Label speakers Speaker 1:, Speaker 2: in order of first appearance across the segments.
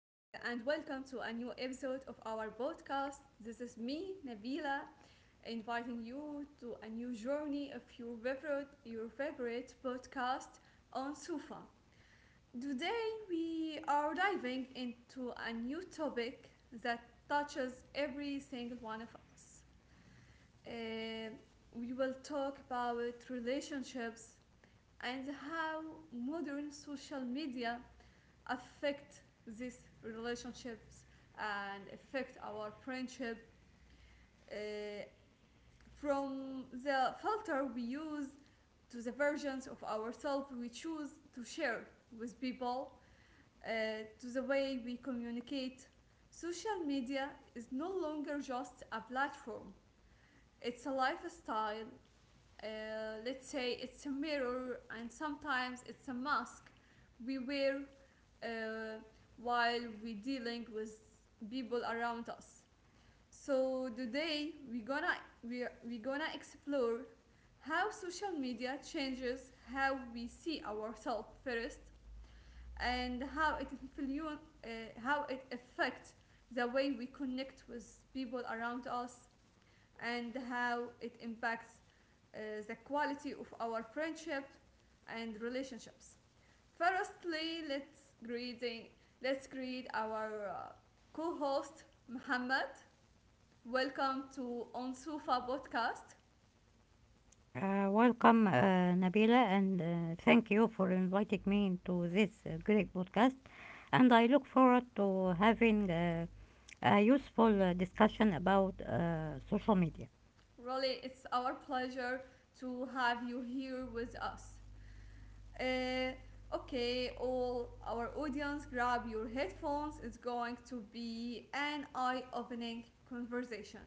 Speaker 1: and welcome to a new episode of our podcast. This is me, Nabila, inviting you to a new journey of your favorite podcast on Sufa. Today, we are diving into a new topic that touches every single one of us. Uh, we will talk about relationships and how modern social media affect these relationships and affect our friendship, uh, from the filter we use to the versions of ourselves we choose to share with people, to the way we communicate. Social media is no longer just a platform, it's a lifestyle. uh, let's say it's a mirror and sometimes it's a mask we wear, uh, while we dealing with people around us. So today we're gonna explore how social media changes how we see ourselves first, and how it influence, how it affects the way we connect with people around us, and how it impacts, uh, the quality of our friendship and relationships. Firstly, let's greet our co-host Muhammad. Welcome to On Sufa podcast.
Speaker 2: Welcome, Nabila, and thank you for inviting me into this great podcast. And I look forward to having a useful discussion about social media.
Speaker 1: Really, it's our pleasure to have you here with us. Uh, okay, all our audience, grab your headphones. It's going to be an eye-opening conversation.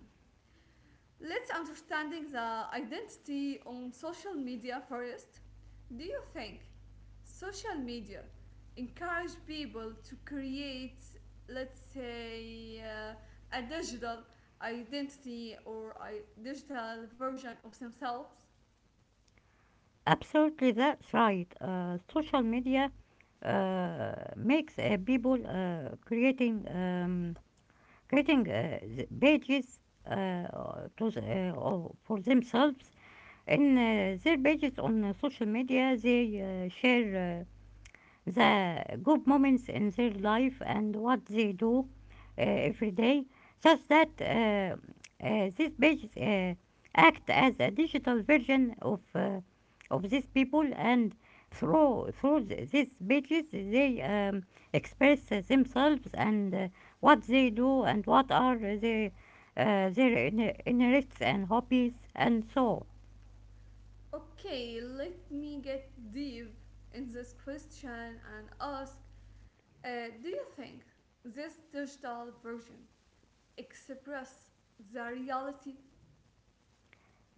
Speaker 1: Let's understanding the identity on social media first. Do you think social media encourage people to create, let's say, a digital identity or a digital version of themselves?
Speaker 2: Absolutely, that's right. Social media makes people creating pages uh, to for themselves in their pages on social media, they share the good moments in their life and what they do every day, such that these pages act as a digital version of these people, and these pages they express themselves and what they do, and what are their their interests and hobbies, and so on.
Speaker 1: Okay, let me get deep in this question and ask: Do you think this digital version express the reality?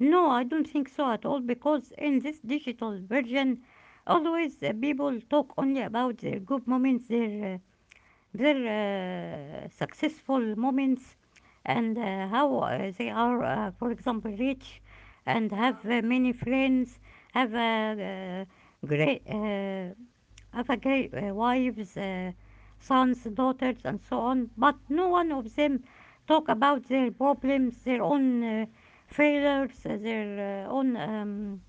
Speaker 2: No, I don't think so at all, because in this digital version, always people talk only about their good moments, their successful moments, and how they are, for example, rich, and have
Speaker 1: Yeah.
Speaker 2: many friends, have a great Afagate wives, sons, daughters, and so on. But no one of them talk about their problems, their own failures, their own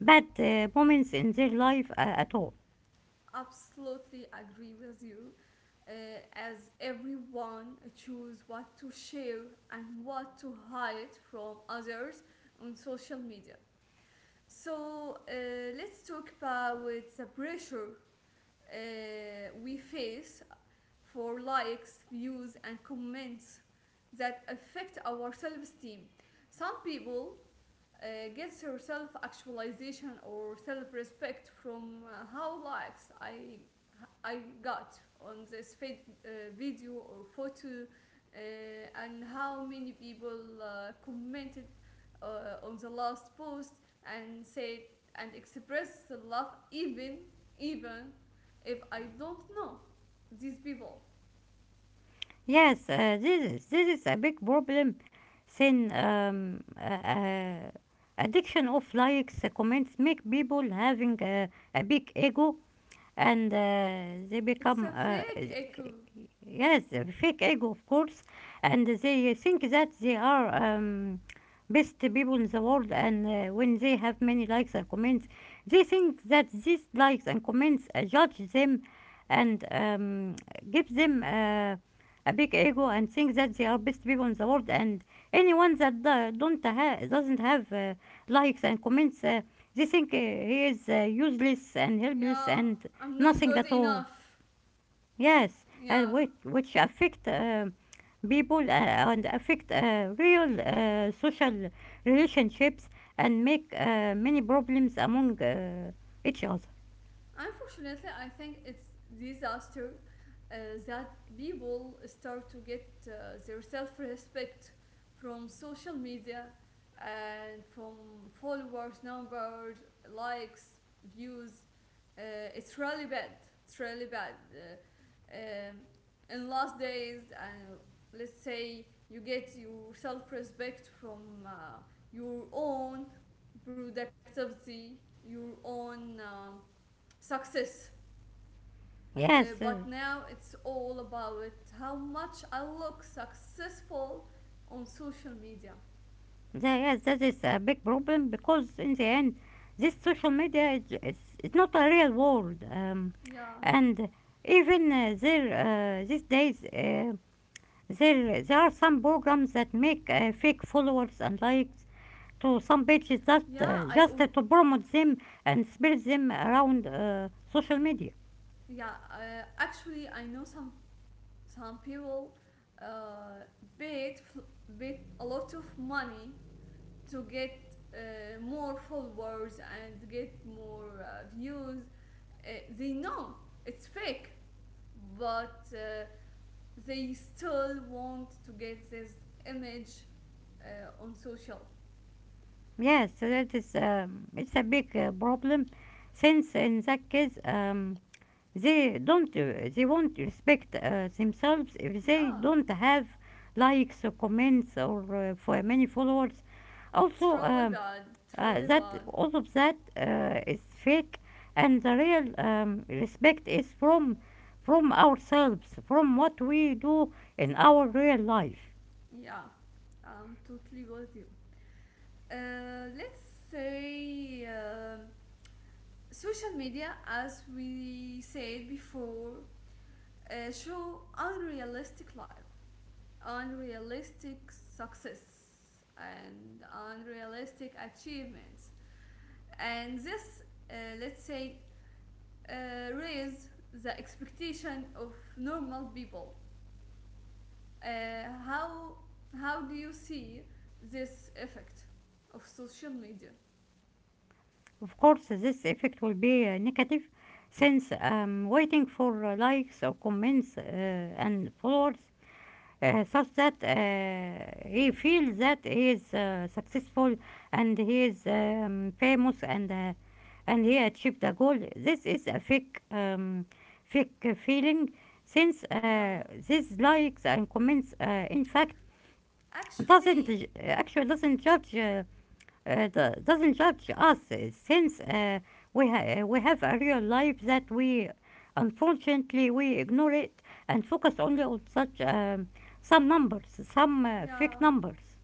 Speaker 2: bad moments in their life at all.
Speaker 1: Absolutely agree with you, uh, as everyone choose what to share and what to hide from others on social media. So let's talk about the pressure we face for likes views and comments that affect our self-esteem. Some people uh, gets her self actualization or self respect from how likes I got on this video or photo, and how many people commented on the last post and said and expressed the love, even even if I don't know these people.
Speaker 2: Yes, this is a big problem. Sin Addiction of likes, comments make people having a big ego, and they
Speaker 1: It's
Speaker 2: become,
Speaker 1: a fake echo.
Speaker 2: yes, fake ego, of course. And they think that they are best people in the world, and when they have many likes and comments, they think that these likes and comments judge them, and give them a big ego, and think that they are best people in the world, and anyone that do- don't ha- doesn't have likes and comments, they think he is useless and helpless
Speaker 1: Yeah,
Speaker 2: and
Speaker 1: I'm not
Speaker 2: nothing
Speaker 1: good
Speaker 2: at all.
Speaker 1: enough.
Speaker 2: Yes, and
Speaker 1: Yeah.
Speaker 2: which affect people, and affect real social relationships, and make many problems among each other.
Speaker 1: Unfortunately, I think it's disaster, uh, that people start to get their self-respect from social media and from followers, numbers, likes, views. It's really bad. It's really bad. In last days, let's say you get your self-respect from your own productivity, your own success.
Speaker 2: Yes,
Speaker 1: But now it's all about how much I look successful on social media.
Speaker 2: yes, that is a big problem, because in the end, this social media is not a real world,
Speaker 1: Yeah,
Speaker 2: and even there these days. There are some programs that make fake followers and likes to some pages, just uh,
Speaker 1: yeah, I
Speaker 2: just uh,
Speaker 1: oh,
Speaker 2: to promote them and spread them around social media.
Speaker 1: yeah. Actually, I know some people uh, paid paid a lot of money to get more followers and get more views. Uh, they know it's fake, but they still want to get this image on social.
Speaker 2: Yes, so that is it's a big problem, since in that case, they won't respect themselves if they
Speaker 1: Yeah,
Speaker 2: don't have likes or comments, or for many followers. Also,
Speaker 1: it's really bad. It's really
Speaker 2: That,
Speaker 1: bad.
Speaker 2: all of that is fake, and the real respect is from ourselves, from what we do in our real life.
Speaker 1: Yeah, I'm totally with you. Let's say social media, as we said before, show unrealistic life, unrealistic success, and unrealistic achievements. And this, uh, let's say, uh, raise the expectation of normal people. Uh, how how do you see this effect of social media?
Speaker 2: Of course, this effect will be negative, since waiting for likes or comments, and followers, such that he feels that he is successful, and he is famous, and he achieved a goal. This is a fake feeling, since
Speaker 1: Yeah,
Speaker 2: these likes and comments, in fact doesn't
Speaker 1: actually,
Speaker 2: ju- actually doesn't judge us, since we have a real life that we unfortunately we ignore, it and focus only on such some numbers, some fake
Speaker 1: yeah,
Speaker 2: numbers.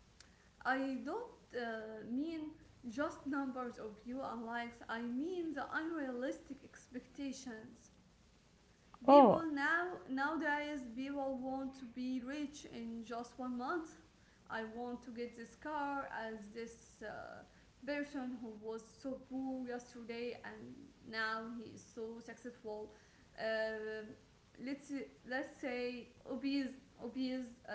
Speaker 1: I don't mean just numbers of views and likes. I mean the unrealistic expectations, people
Speaker 2: Oh,
Speaker 1: now nowadays people want to be rich in just 1 month. I want to get this car as this person who was so poor yesterday and now he is so successful. Uh, let's let's say obese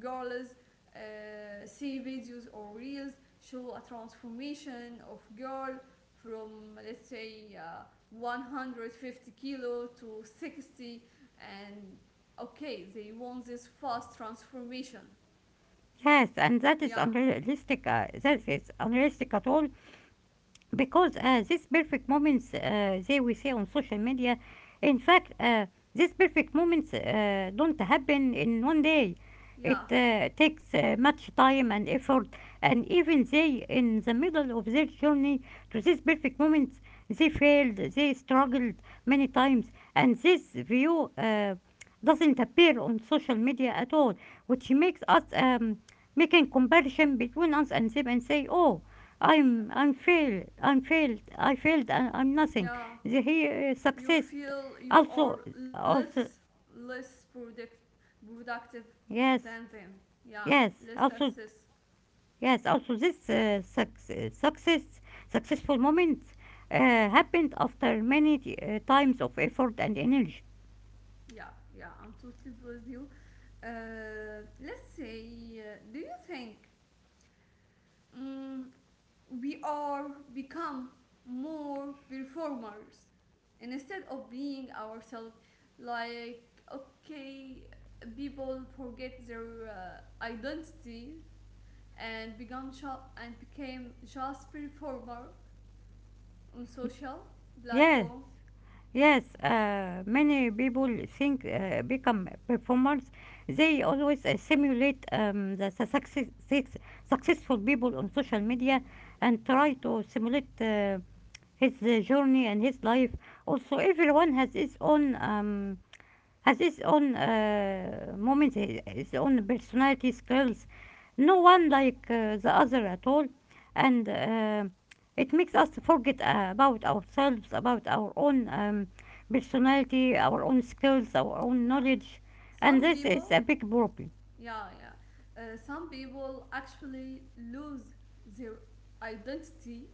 Speaker 1: girls see videos or reels show a transformation of girl from, let's say, 150 kilo to 60, and okay they want this fast transformation.
Speaker 2: yes, and that is
Speaker 1: Yeah
Speaker 2: unrealistic at all, because these perfect moments, they we see on social media, in fact these perfect moments don't happen in one day.
Speaker 1: yeah
Speaker 2: It takes much time and effort, and even they, in the middle of their journey to these perfect moments, they failed, they struggled many times, and this view doesn't appear on social media at all, which makes us making comparison between us and them, and say, oh,
Speaker 1: yeah,
Speaker 2: I'm failed. I'm failed. I failed. I'm nothing.
Speaker 1: yeah.
Speaker 2: The, he
Speaker 1: You
Speaker 2: Success.
Speaker 1: feel you
Speaker 2: Also,
Speaker 1: are less,
Speaker 2: also,
Speaker 1: less product, productive than
Speaker 2: yes,
Speaker 1: them. Yeah, less
Speaker 2: yes.
Speaker 1: success.
Speaker 2: Also, yes. Also, this successful moments uh, happened after many times of effort and energy.
Speaker 1: Yeah, yeah, I'm totally with you. Uh, let's say, do you think, mm, we are become more performers and instead of being ourselves, like, okay, people forget their identity and become and became just performer on social
Speaker 2: Yes. Yeah.
Speaker 1: platform.
Speaker 2: Yes, many people think become performers. They always simulate the successful people on social media, and try to simulate his journey and his life. Also, everyone has his own. Has his own moments, his own personality skills. No one like the other at all, and it makes us forget about ourselves, about our own personality, our own skills, our own
Speaker 1: Yeah,
Speaker 2: knowledge, and
Speaker 1: some
Speaker 2: this is a
Speaker 1: people.
Speaker 2: big problem.
Speaker 1: Yeah yeah, some people actually lose their identity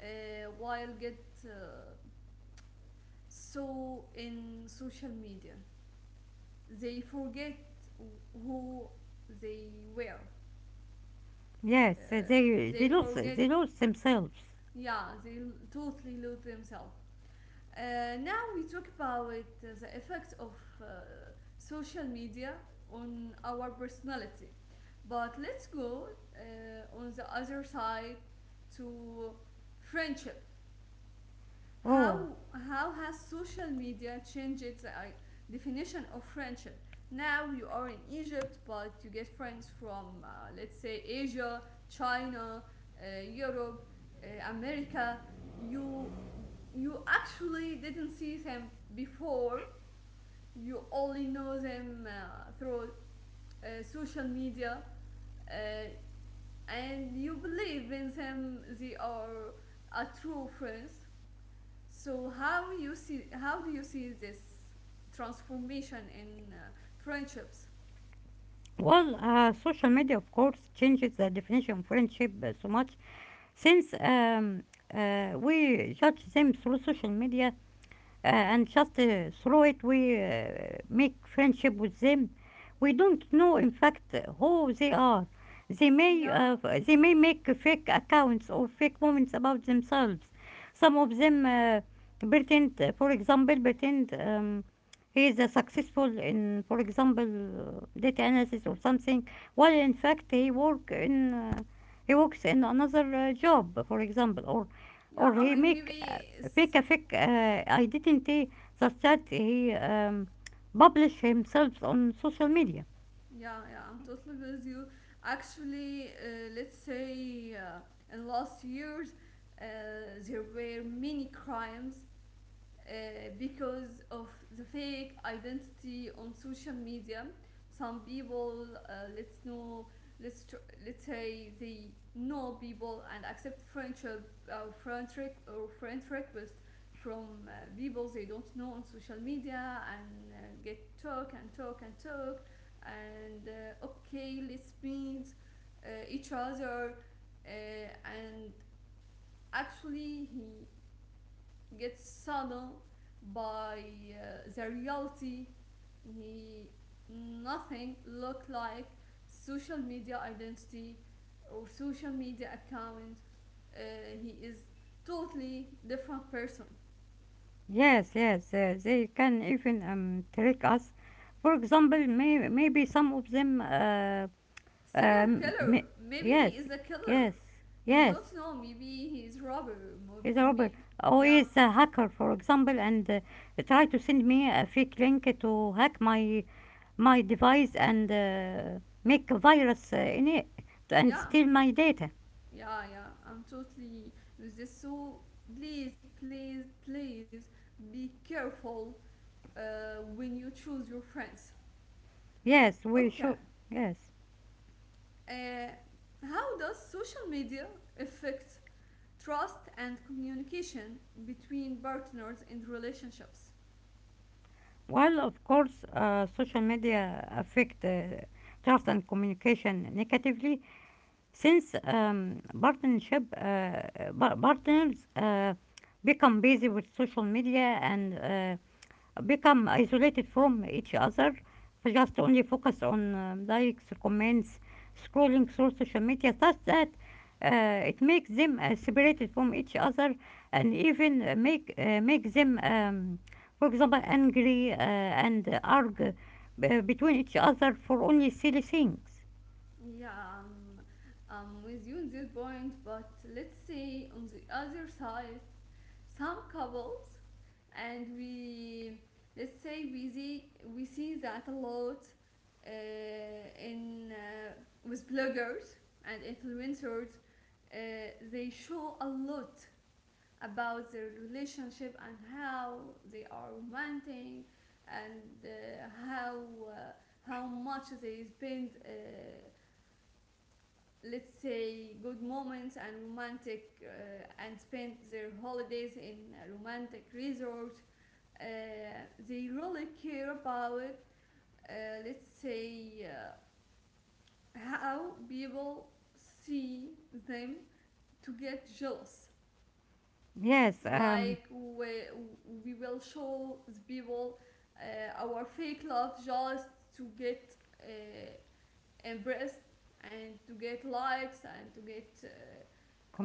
Speaker 1: while get, so in social media. They forget who they were.
Speaker 2: Yes,
Speaker 1: Uh,
Speaker 2: they they
Speaker 1: they
Speaker 2: lose
Speaker 1: forget,
Speaker 2: they lose themselves.
Speaker 1: yeah, they totally lose themselves. Now we talk about the effect of uh, social media on our personality. But let's go on the other side to friendship.
Speaker 2: Oh.
Speaker 1: How how has social media changed the definition of friendship? Now you are in Egypt, but you get friends from, let's say, Asia, China, Europe, America. You you actually didn't see them before. You only know them through social media, uh, and you believe in them. They are a true friends. So how you see, how do you see this transformation in friendships?
Speaker 2: Well, social media, of course, changes the definition of friendship so much, since we judge them through social media, and just through it we make friendship with them. We don't know, in fact, who they are. They may
Speaker 1: Yeah,
Speaker 2: uh, they may make fake accounts or fake moments about themselves. Some of them pretend, for example, pretend, he is successful in, for example, data analysis or something, while in fact he works in another job, for example, or
Speaker 1: yeah.
Speaker 2: or
Speaker 1: I
Speaker 2: he
Speaker 1: mean,
Speaker 2: make
Speaker 1: maybe it's
Speaker 2: fake, a fake. I didn't say that he publish himself on social media.
Speaker 1: yeah, yeah. I'm totally with you. Actually, let's say in last years uh, there were many crimes because of the fake identity on social media. Some people, let's know, let's say they know people and accept friendship, friend rec- or friend request from people they don't know on social media, and get talk and talk and talk, and okay, let's meet each other, uh, and actually he gets saddled by the reality. He nothing look like social media identity or social media account. uh, he is totally different person.
Speaker 2: Yes, yes, they can even trick us. For example, maybe some of them.
Speaker 1: Serial
Speaker 2: Um,
Speaker 1: killer,
Speaker 2: may,
Speaker 1: maybe he
Speaker 2: yes,
Speaker 1: is a killer.
Speaker 2: yes,
Speaker 1: You
Speaker 2: yes.
Speaker 1: don't know, maybe he is robber.
Speaker 2: He's a robber.
Speaker 1: Maybe.
Speaker 2: Or
Speaker 1: Yeah
Speaker 2: he's a hacker, for example, and try to send me a fake link to hack my device, and make a virus in it, and
Speaker 1: yeah
Speaker 2: steal my data.
Speaker 1: yeah yeah I'm totally with this. So please please please be careful when you choose your friends.
Speaker 2: Yes, we
Speaker 1: Okay,
Speaker 2: should. Yes.
Speaker 1: uh, how does social media affect trust and communication between partners and relationships?
Speaker 2: While of course, social media affect trust and communication negatively, since partners become busy with social media, and become isolated from each other, just only focus on likes, comments, scrolling through social media, such that it makes them separated from each other, and even make them, for example, angry, and argue between each other for only silly things.
Speaker 1: Yeah, um, I'm with you on this point, but let's say on the other side, some couples and we let's say we see that a lot uh, in with bloggers and influencers, uh, they show a lot about their relationship and how they are romantic and how, uh, how much they spend, let's say, good moments and romantic, and spend their holidays in a romantic resort. uh, they really care about, uh, let's say, how people see them to get jealous,
Speaker 2: Yes,
Speaker 1: like we will show the people our fake love just to get uh, impressed and to get likes and to get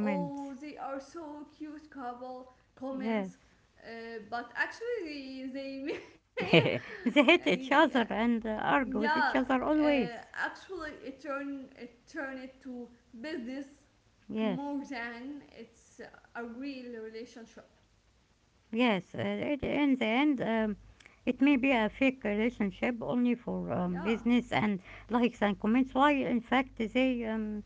Speaker 1: oh they are so cute couple
Speaker 2: Yes,
Speaker 1: comments. But actually they may
Speaker 2: they hate each
Speaker 1: yeah,
Speaker 2: other and argue with
Speaker 1: yeah
Speaker 2: each other always.
Speaker 1: actually it turned it to business
Speaker 2: Yes.
Speaker 1: more than it's a real relationship.
Speaker 2: Yes, in the end, it may be a fake relationship only for
Speaker 1: Yeah
Speaker 2: business and likes and comments. While in fact they um,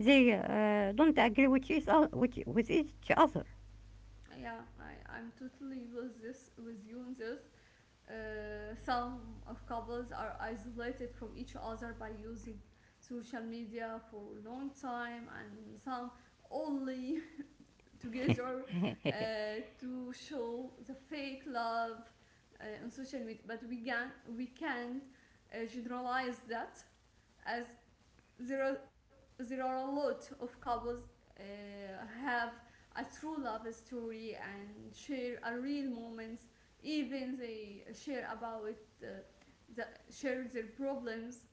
Speaker 2: they uh, don't agree with each other, with each other.
Speaker 1: yeah I, I'm totally with this with you in this. Some of couples are isolated from each other by using social media for a long time, and some only together uh, to show the fake love on social media. But we can generalize that as there are there are a lot of couples uh, have a true love story and share a real moments. Even they share about uh, the share their problems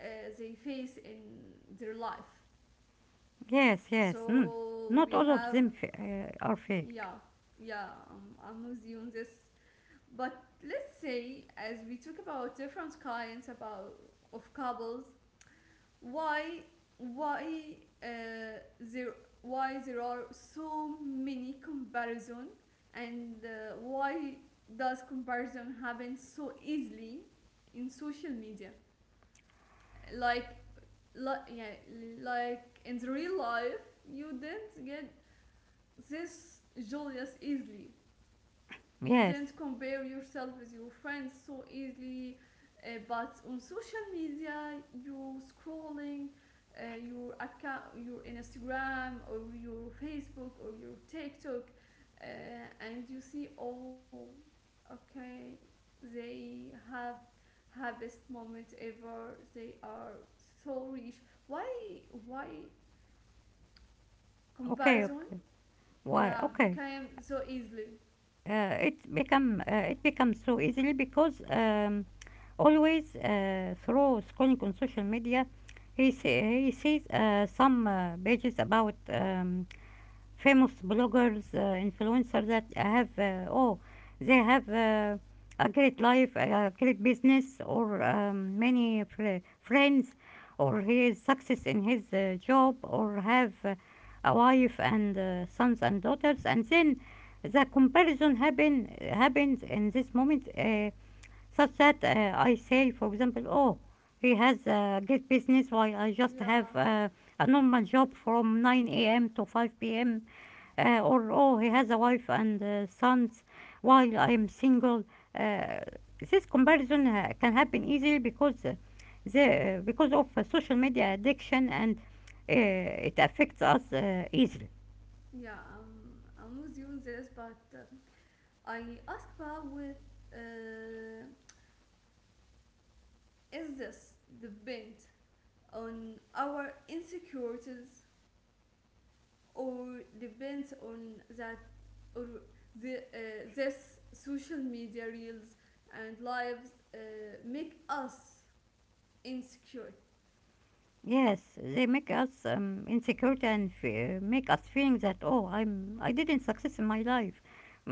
Speaker 1: uh, they face in their life.
Speaker 2: Yes, yes. Mm.
Speaker 1: So
Speaker 2: Not
Speaker 1: we
Speaker 2: all of
Speaker 1: have,
Speaker 2: them are fake.
Speaker 1: yeah yeah, I'm with you on this. But let's say as we talk about different kinds about of couples, why why uh, there why there are so many comparison, and why does comparison happen so easily in social media, like like yeah, like in the real life you didn't get this joy as easily, you do
Speaker 2: Yes.
Speaker 1: not compare yourself with your friends so easily. But on social media you scrolling, your account, your instagram or your facebook or your tiktok, uh, and you see oh okay they have happiest moment ever, they are so rich. Why why
Speaker 2: Okay,
Speaker 1: comparison,
Speaker 2: okay. Why?
Speaker 1: yeah,
Speaker 2: Okay.
Speaker 1: became so easily.
Speaker 2: It become it becomes so easily, because always, through scrolling on social media, he sees some pages about famous bloggers, influencers that have, oh, they have a great life, a great business, or many friends, or he is success in his job, or have a wife and sons and daughters, and then the comparison happen happens in this moment. Such that, I say, for example, oh, he has a great business while I just have
Speaker 1: Yeah,
Speaker 2: a normal job from 9 a.m. to 5 p.m. Or oh, he has a wife and sons while I'm single. Uh, this comparison can happen easily because the because of social media addiction, and it affects us easily.
Speaker 1: yeah, I'm with you on this, but, I ask about with, uh, is this depend on our insecurities or depends on that, or the, this social media reels and lives make us insecure.
Speaker 2: Yes, they make us insecure and fear, make us feeling that, oh, I didn't success in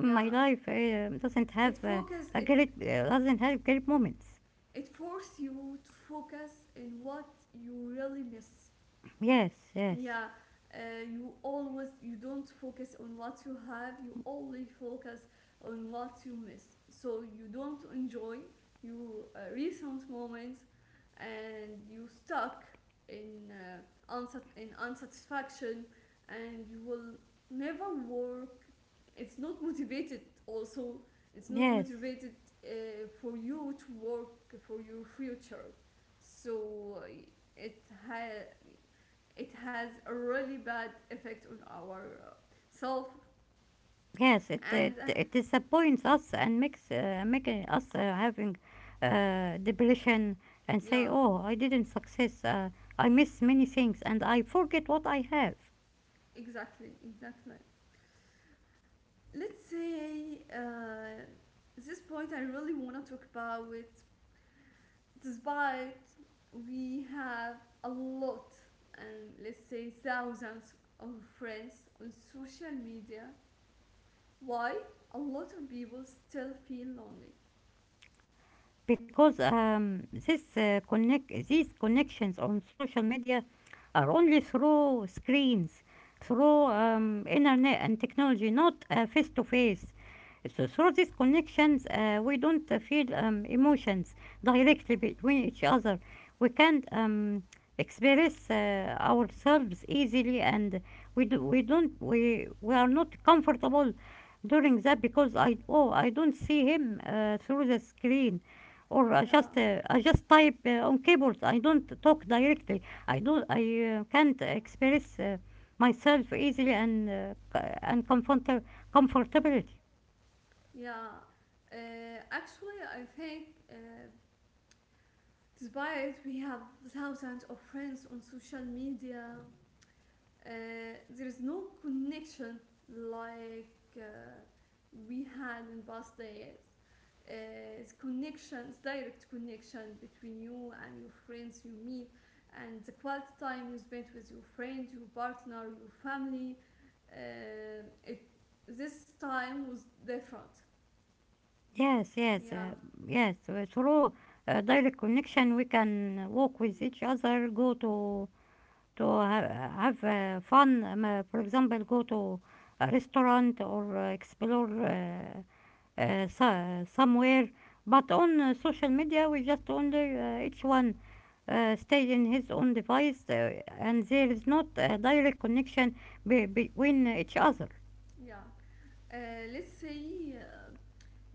Speaker 1: Yeah,
Speaker 2: life doesn't
Speaker 1: it
Speaker 2: have
Speaker 1: focus
Speaker 2: a
Speaker 1: it
Speaker 2: great doesn't have great moments.
Speaker 1: it force you to focus in what you really miss.
Speaker 2: Yes, yes,
Speaker 1: Yeah, uh, you always, you don't focus on what you have, you only focus on what you miss, so you don't enjoy your recent moments and you stuck in, in unsatisfaction, and you will never work. It's not motivated. Also, it's not
Speaker 2: yes,
Speaker 1: motivated for you to work for your future. So, it ha- it has a really bad effect on our uh, self
Speaker 2: yes. It it,
Speaker 1: and
Speaker 2: it disappoints us, and makes making us having depression, and say,
Speaker 1: yeah.
Speaker 2: oh, I didn't success. I miss many things, and I forget what I have.
Speaker 1: Exactly, exactly. Let's say this point I really want to talk about it. Despite we have a lot and, let's say, thousands of friends on social media, why a lot of people still feel lonely.
Speaker 2: Because this connect these connections on social media are only through screens, through internet and technology, not face to face. So through these connections, we don't feel emotions directly between each other. We can't express ourselves easily, and we do, we don't we are not comfortable during that, because I, oh, I don't see him through the screen, or
Speaker 1: Yeah
Speaker 2: I just type on keyboard. I don't talk directly. I do I can't express myself easily, and and comfort- comfortability.
Speaker 1: yeah, actually I think, despite we have thousands of friends on social media, uh, there is no connection like uh, we had in past days. Uh, it's connections, direct connection between you and your friends you meet, and the quality time you spend with your friend, your partner, your family. It, this time was different.
Speaker 2: Yes, yes,
Speaker 1: Yeah,
Speaker 2: yes. Through direct connection, we can walk with each other, go to have fun. For example, go to a restaurant, or explore. Somewhere, but on social media we just only each one stay in his own device, and there is not a direct connection between each other.
Speaker 1: yeah. Let's say,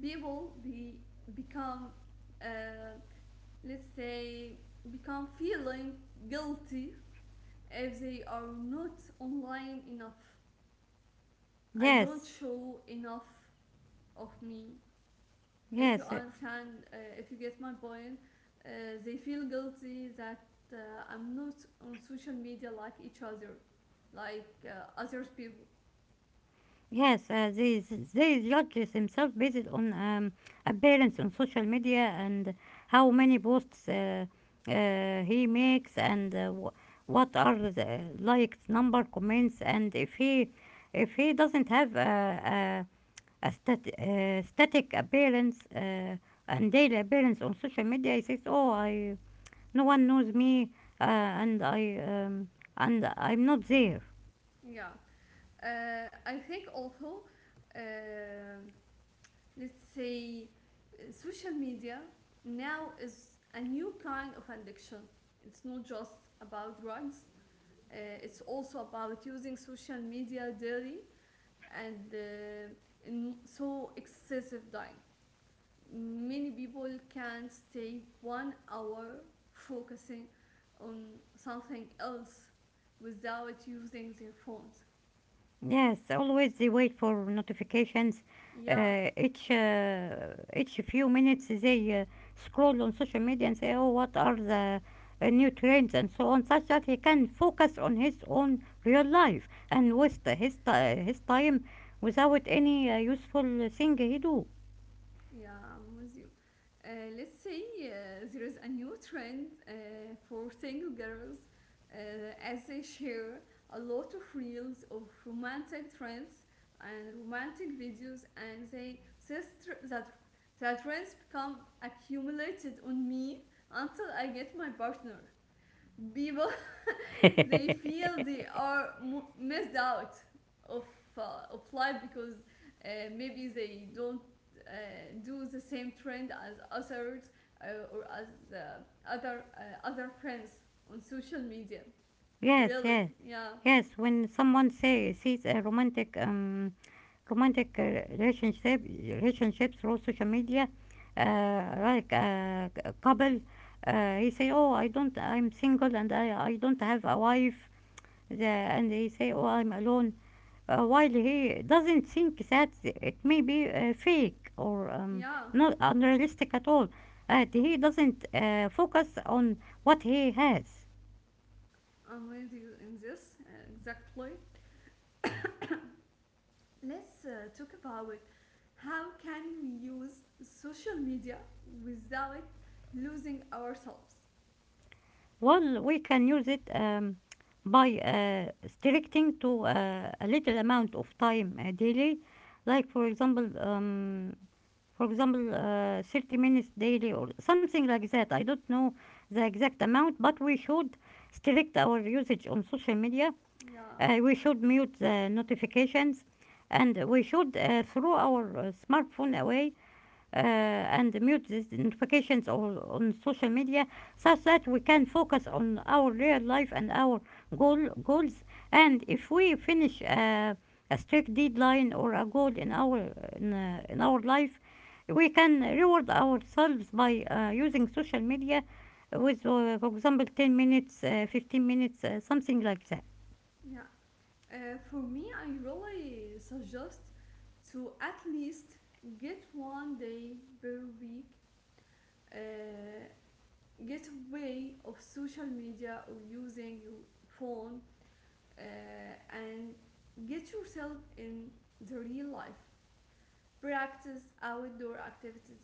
Speaker 1: we will be become, uh, let's say, become feeling guilty if they are not online enough. I don't
Speaker 2: Yes,
Speaker 1: show enough of me, if you
Speaker 2: yes,
Speaker 1: understand, if you get my point. uh, they feel guilty that, uh, I'm not on social media like each other, like other people.
Speaker 2: yes. They judge themselves based on appearance on social media, and how many posts he makes, and what are the likes number comments. And if he doesn't have a, a static appearance and daily appearance on social media. He says, "Oh, I, no one knows me, and I'm not there."
Speaker 1: Yeah. I think also, uh, let's say, social media now is a new kind of addiction. It's not just about drugs. uh, it's also about using social media daily and, in so excessive diet, many people can stay one hour focusing on something else without using their phones.
Speaker 2: Yes, always they wait for notifications.
Speaker 1: Yeah.
Speaker 2: Uh, each uh, each few minutes they scroll on social media and say, "Oh, what are the new trends and so on," such that he can focus on his own real life and waste his time without any useful thing he do.
Speaker 1: Yeah, I'm with you. Let's say, there is a new trend, for single girls, uh, as they share a lot of reels of romantic trends and romantic videos, and they this tr- that that trends become accumulated on me until I get my partner. People, they feel they are missed out of, life because, maybe they don't, uh, do the same trend as others, uh, or as uh, other friends on social media.
Speaker 2: Yes,
Speaker 1: Really,
Speaker 2: yes,
Speaker 1: yeah,
Speaker 2: yes. When someone say sees a romantic relationship relationships through social media, like, a couple, he say, oh, I don't I'm single, and I don't have a wife. And he say, oh, I'm alone, while he doesn't think that it may be fake, or
Speaker 1: yeah.
Speaker 2: not unrealistic at all. He doesn't focus on what he has.
Speaker 1: I'm with you in this, exactly. Let's, talk about how can we use social media without losing ourselves.
Speaker 2: Well, we can use it by restricting to a little amount of time daily, like, for example, 30 minutes daily or something like that. I don't know the exact amount, but we should restrict our usage on social media.
Speaker 1: Yeah.
Speaker 2: We should mute the notifications, and we should throw our smartphone away, and mute these notifications or on social media, such that we can focus on our real life and our goals. And if we finish a strict deadline or a goal in our in our life, we can reward ourselves by using social media with, for example, 10 minutes, 15 minutes, something like that.
Speaker 1: Yeah. For me, I really suggest to at least get one day per week, uh, get away of social media or using your phone, and get yourself in the real life. Practice outdoor activities.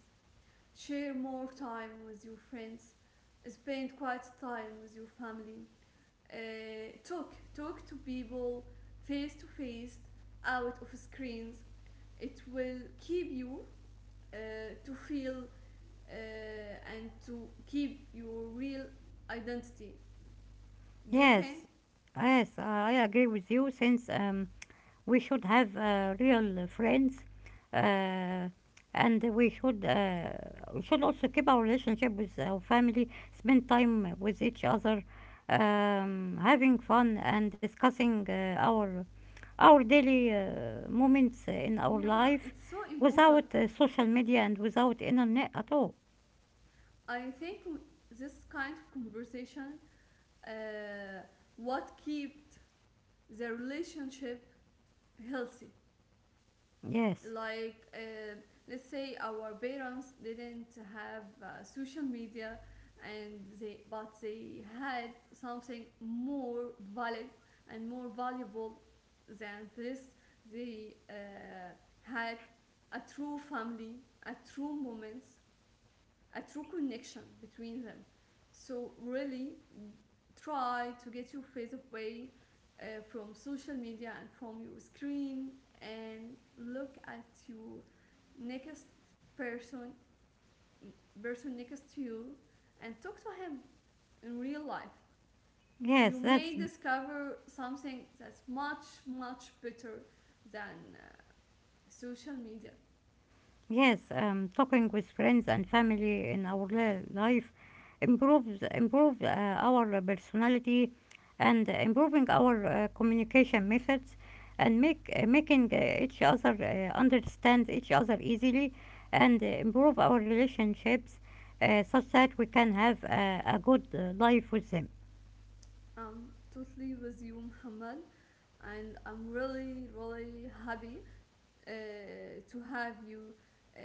Speaker 1: Share more time with your friends. Spend quiet time with your family. Uh, talk talk to people, face to face, out of screens. It will keep you, uh, to feel, and to keep your real identity. Do you think?
Speaker 2: Yes, yes, I agree with you, since we should have real friends, uh, and we should also keep our relationship with our family, spend time with each other, having fun, and discussing our daily moments in our
Speaker 1: Yeah,
Speaker 2: life,
Speaker 1: it's so
Speaker 2: without
Speaker 1: important.
Speaker 2: social media, and without internet at all.
Speaker 1: I think this kind of conversation, uh, what kept the relationship healthy.
Speaker 2: Yes,
Speaker 1: Like, let's say our parents didn't have, social media, and they but they had something more valid and more valuable than this. They, had a true family, a true moments, a true connection between them. So really, try to get your face away, from social media and from your screen, and look at your next person person next to you and talk to him in real life.
Speaker 2: yes,
Speaker 1: You
Speaker 2: that's...
Speaker 1: may discover something that's much, much better than, social media.
Speaker 2: Yes, talking with friends and family in our life improves our personality, and improving our communication methods, and make making each other understand each other easily, and improve our relationships, such that we can have a good life with them.
Speaker 1: I'm totally with you, Muhammad. And I'm really, really happy, uh, to have you, uh,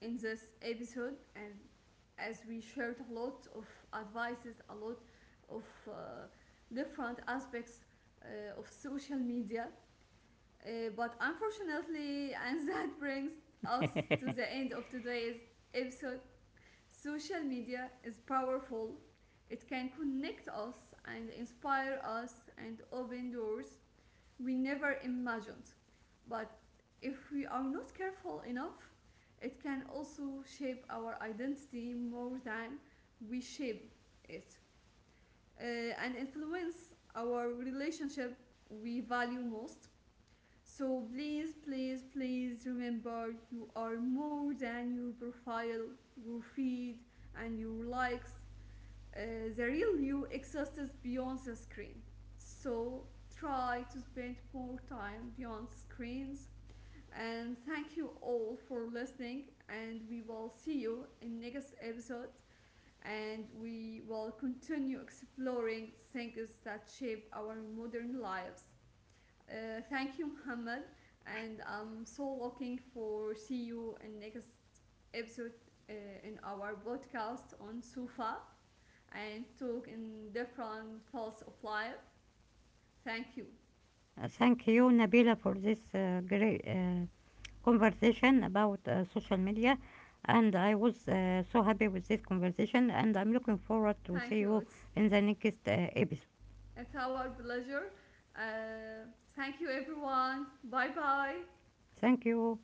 Speaker 1: in this episode, and as we shared a lot of advices, a lot of, different aspects, of social media, but unfortunately and that brings us to the end of today's episode. Social media is powerful. It can connect us and inspire us and open doors we never imagined. But if we are not careful enough, it can also shape our identity more than we shape it, uh, and influence our relationship we value most. So please, please, please remember you are more than your profile, your feed, and your likes. uh, the real you exists beyond the screen. So try to spend more time beyond screens. And thank you all for listening. And we will see you in next episode. And we will continue exploring things that shape our modern lives. Thank you, Muhammad. And I'm so looking for see you in next episode, uh, in our podcast on Sufa, and talk in different fields of life. Thank you.
Speaker 2: Thank you, Nabila, for this great conversation about social media. And I was so happy with this conversation, and I'm looking forward to
Speaker 1: Thank
Speaker 2: see
Speaker 1: you.
Speaker 2: you
Speaker 1: It's,
Speaker 2: in the next episode.
Speaker 1: it's our pleasure. Uh, Thank you, everyone. Bye bye.
Speaker 2: Thank you.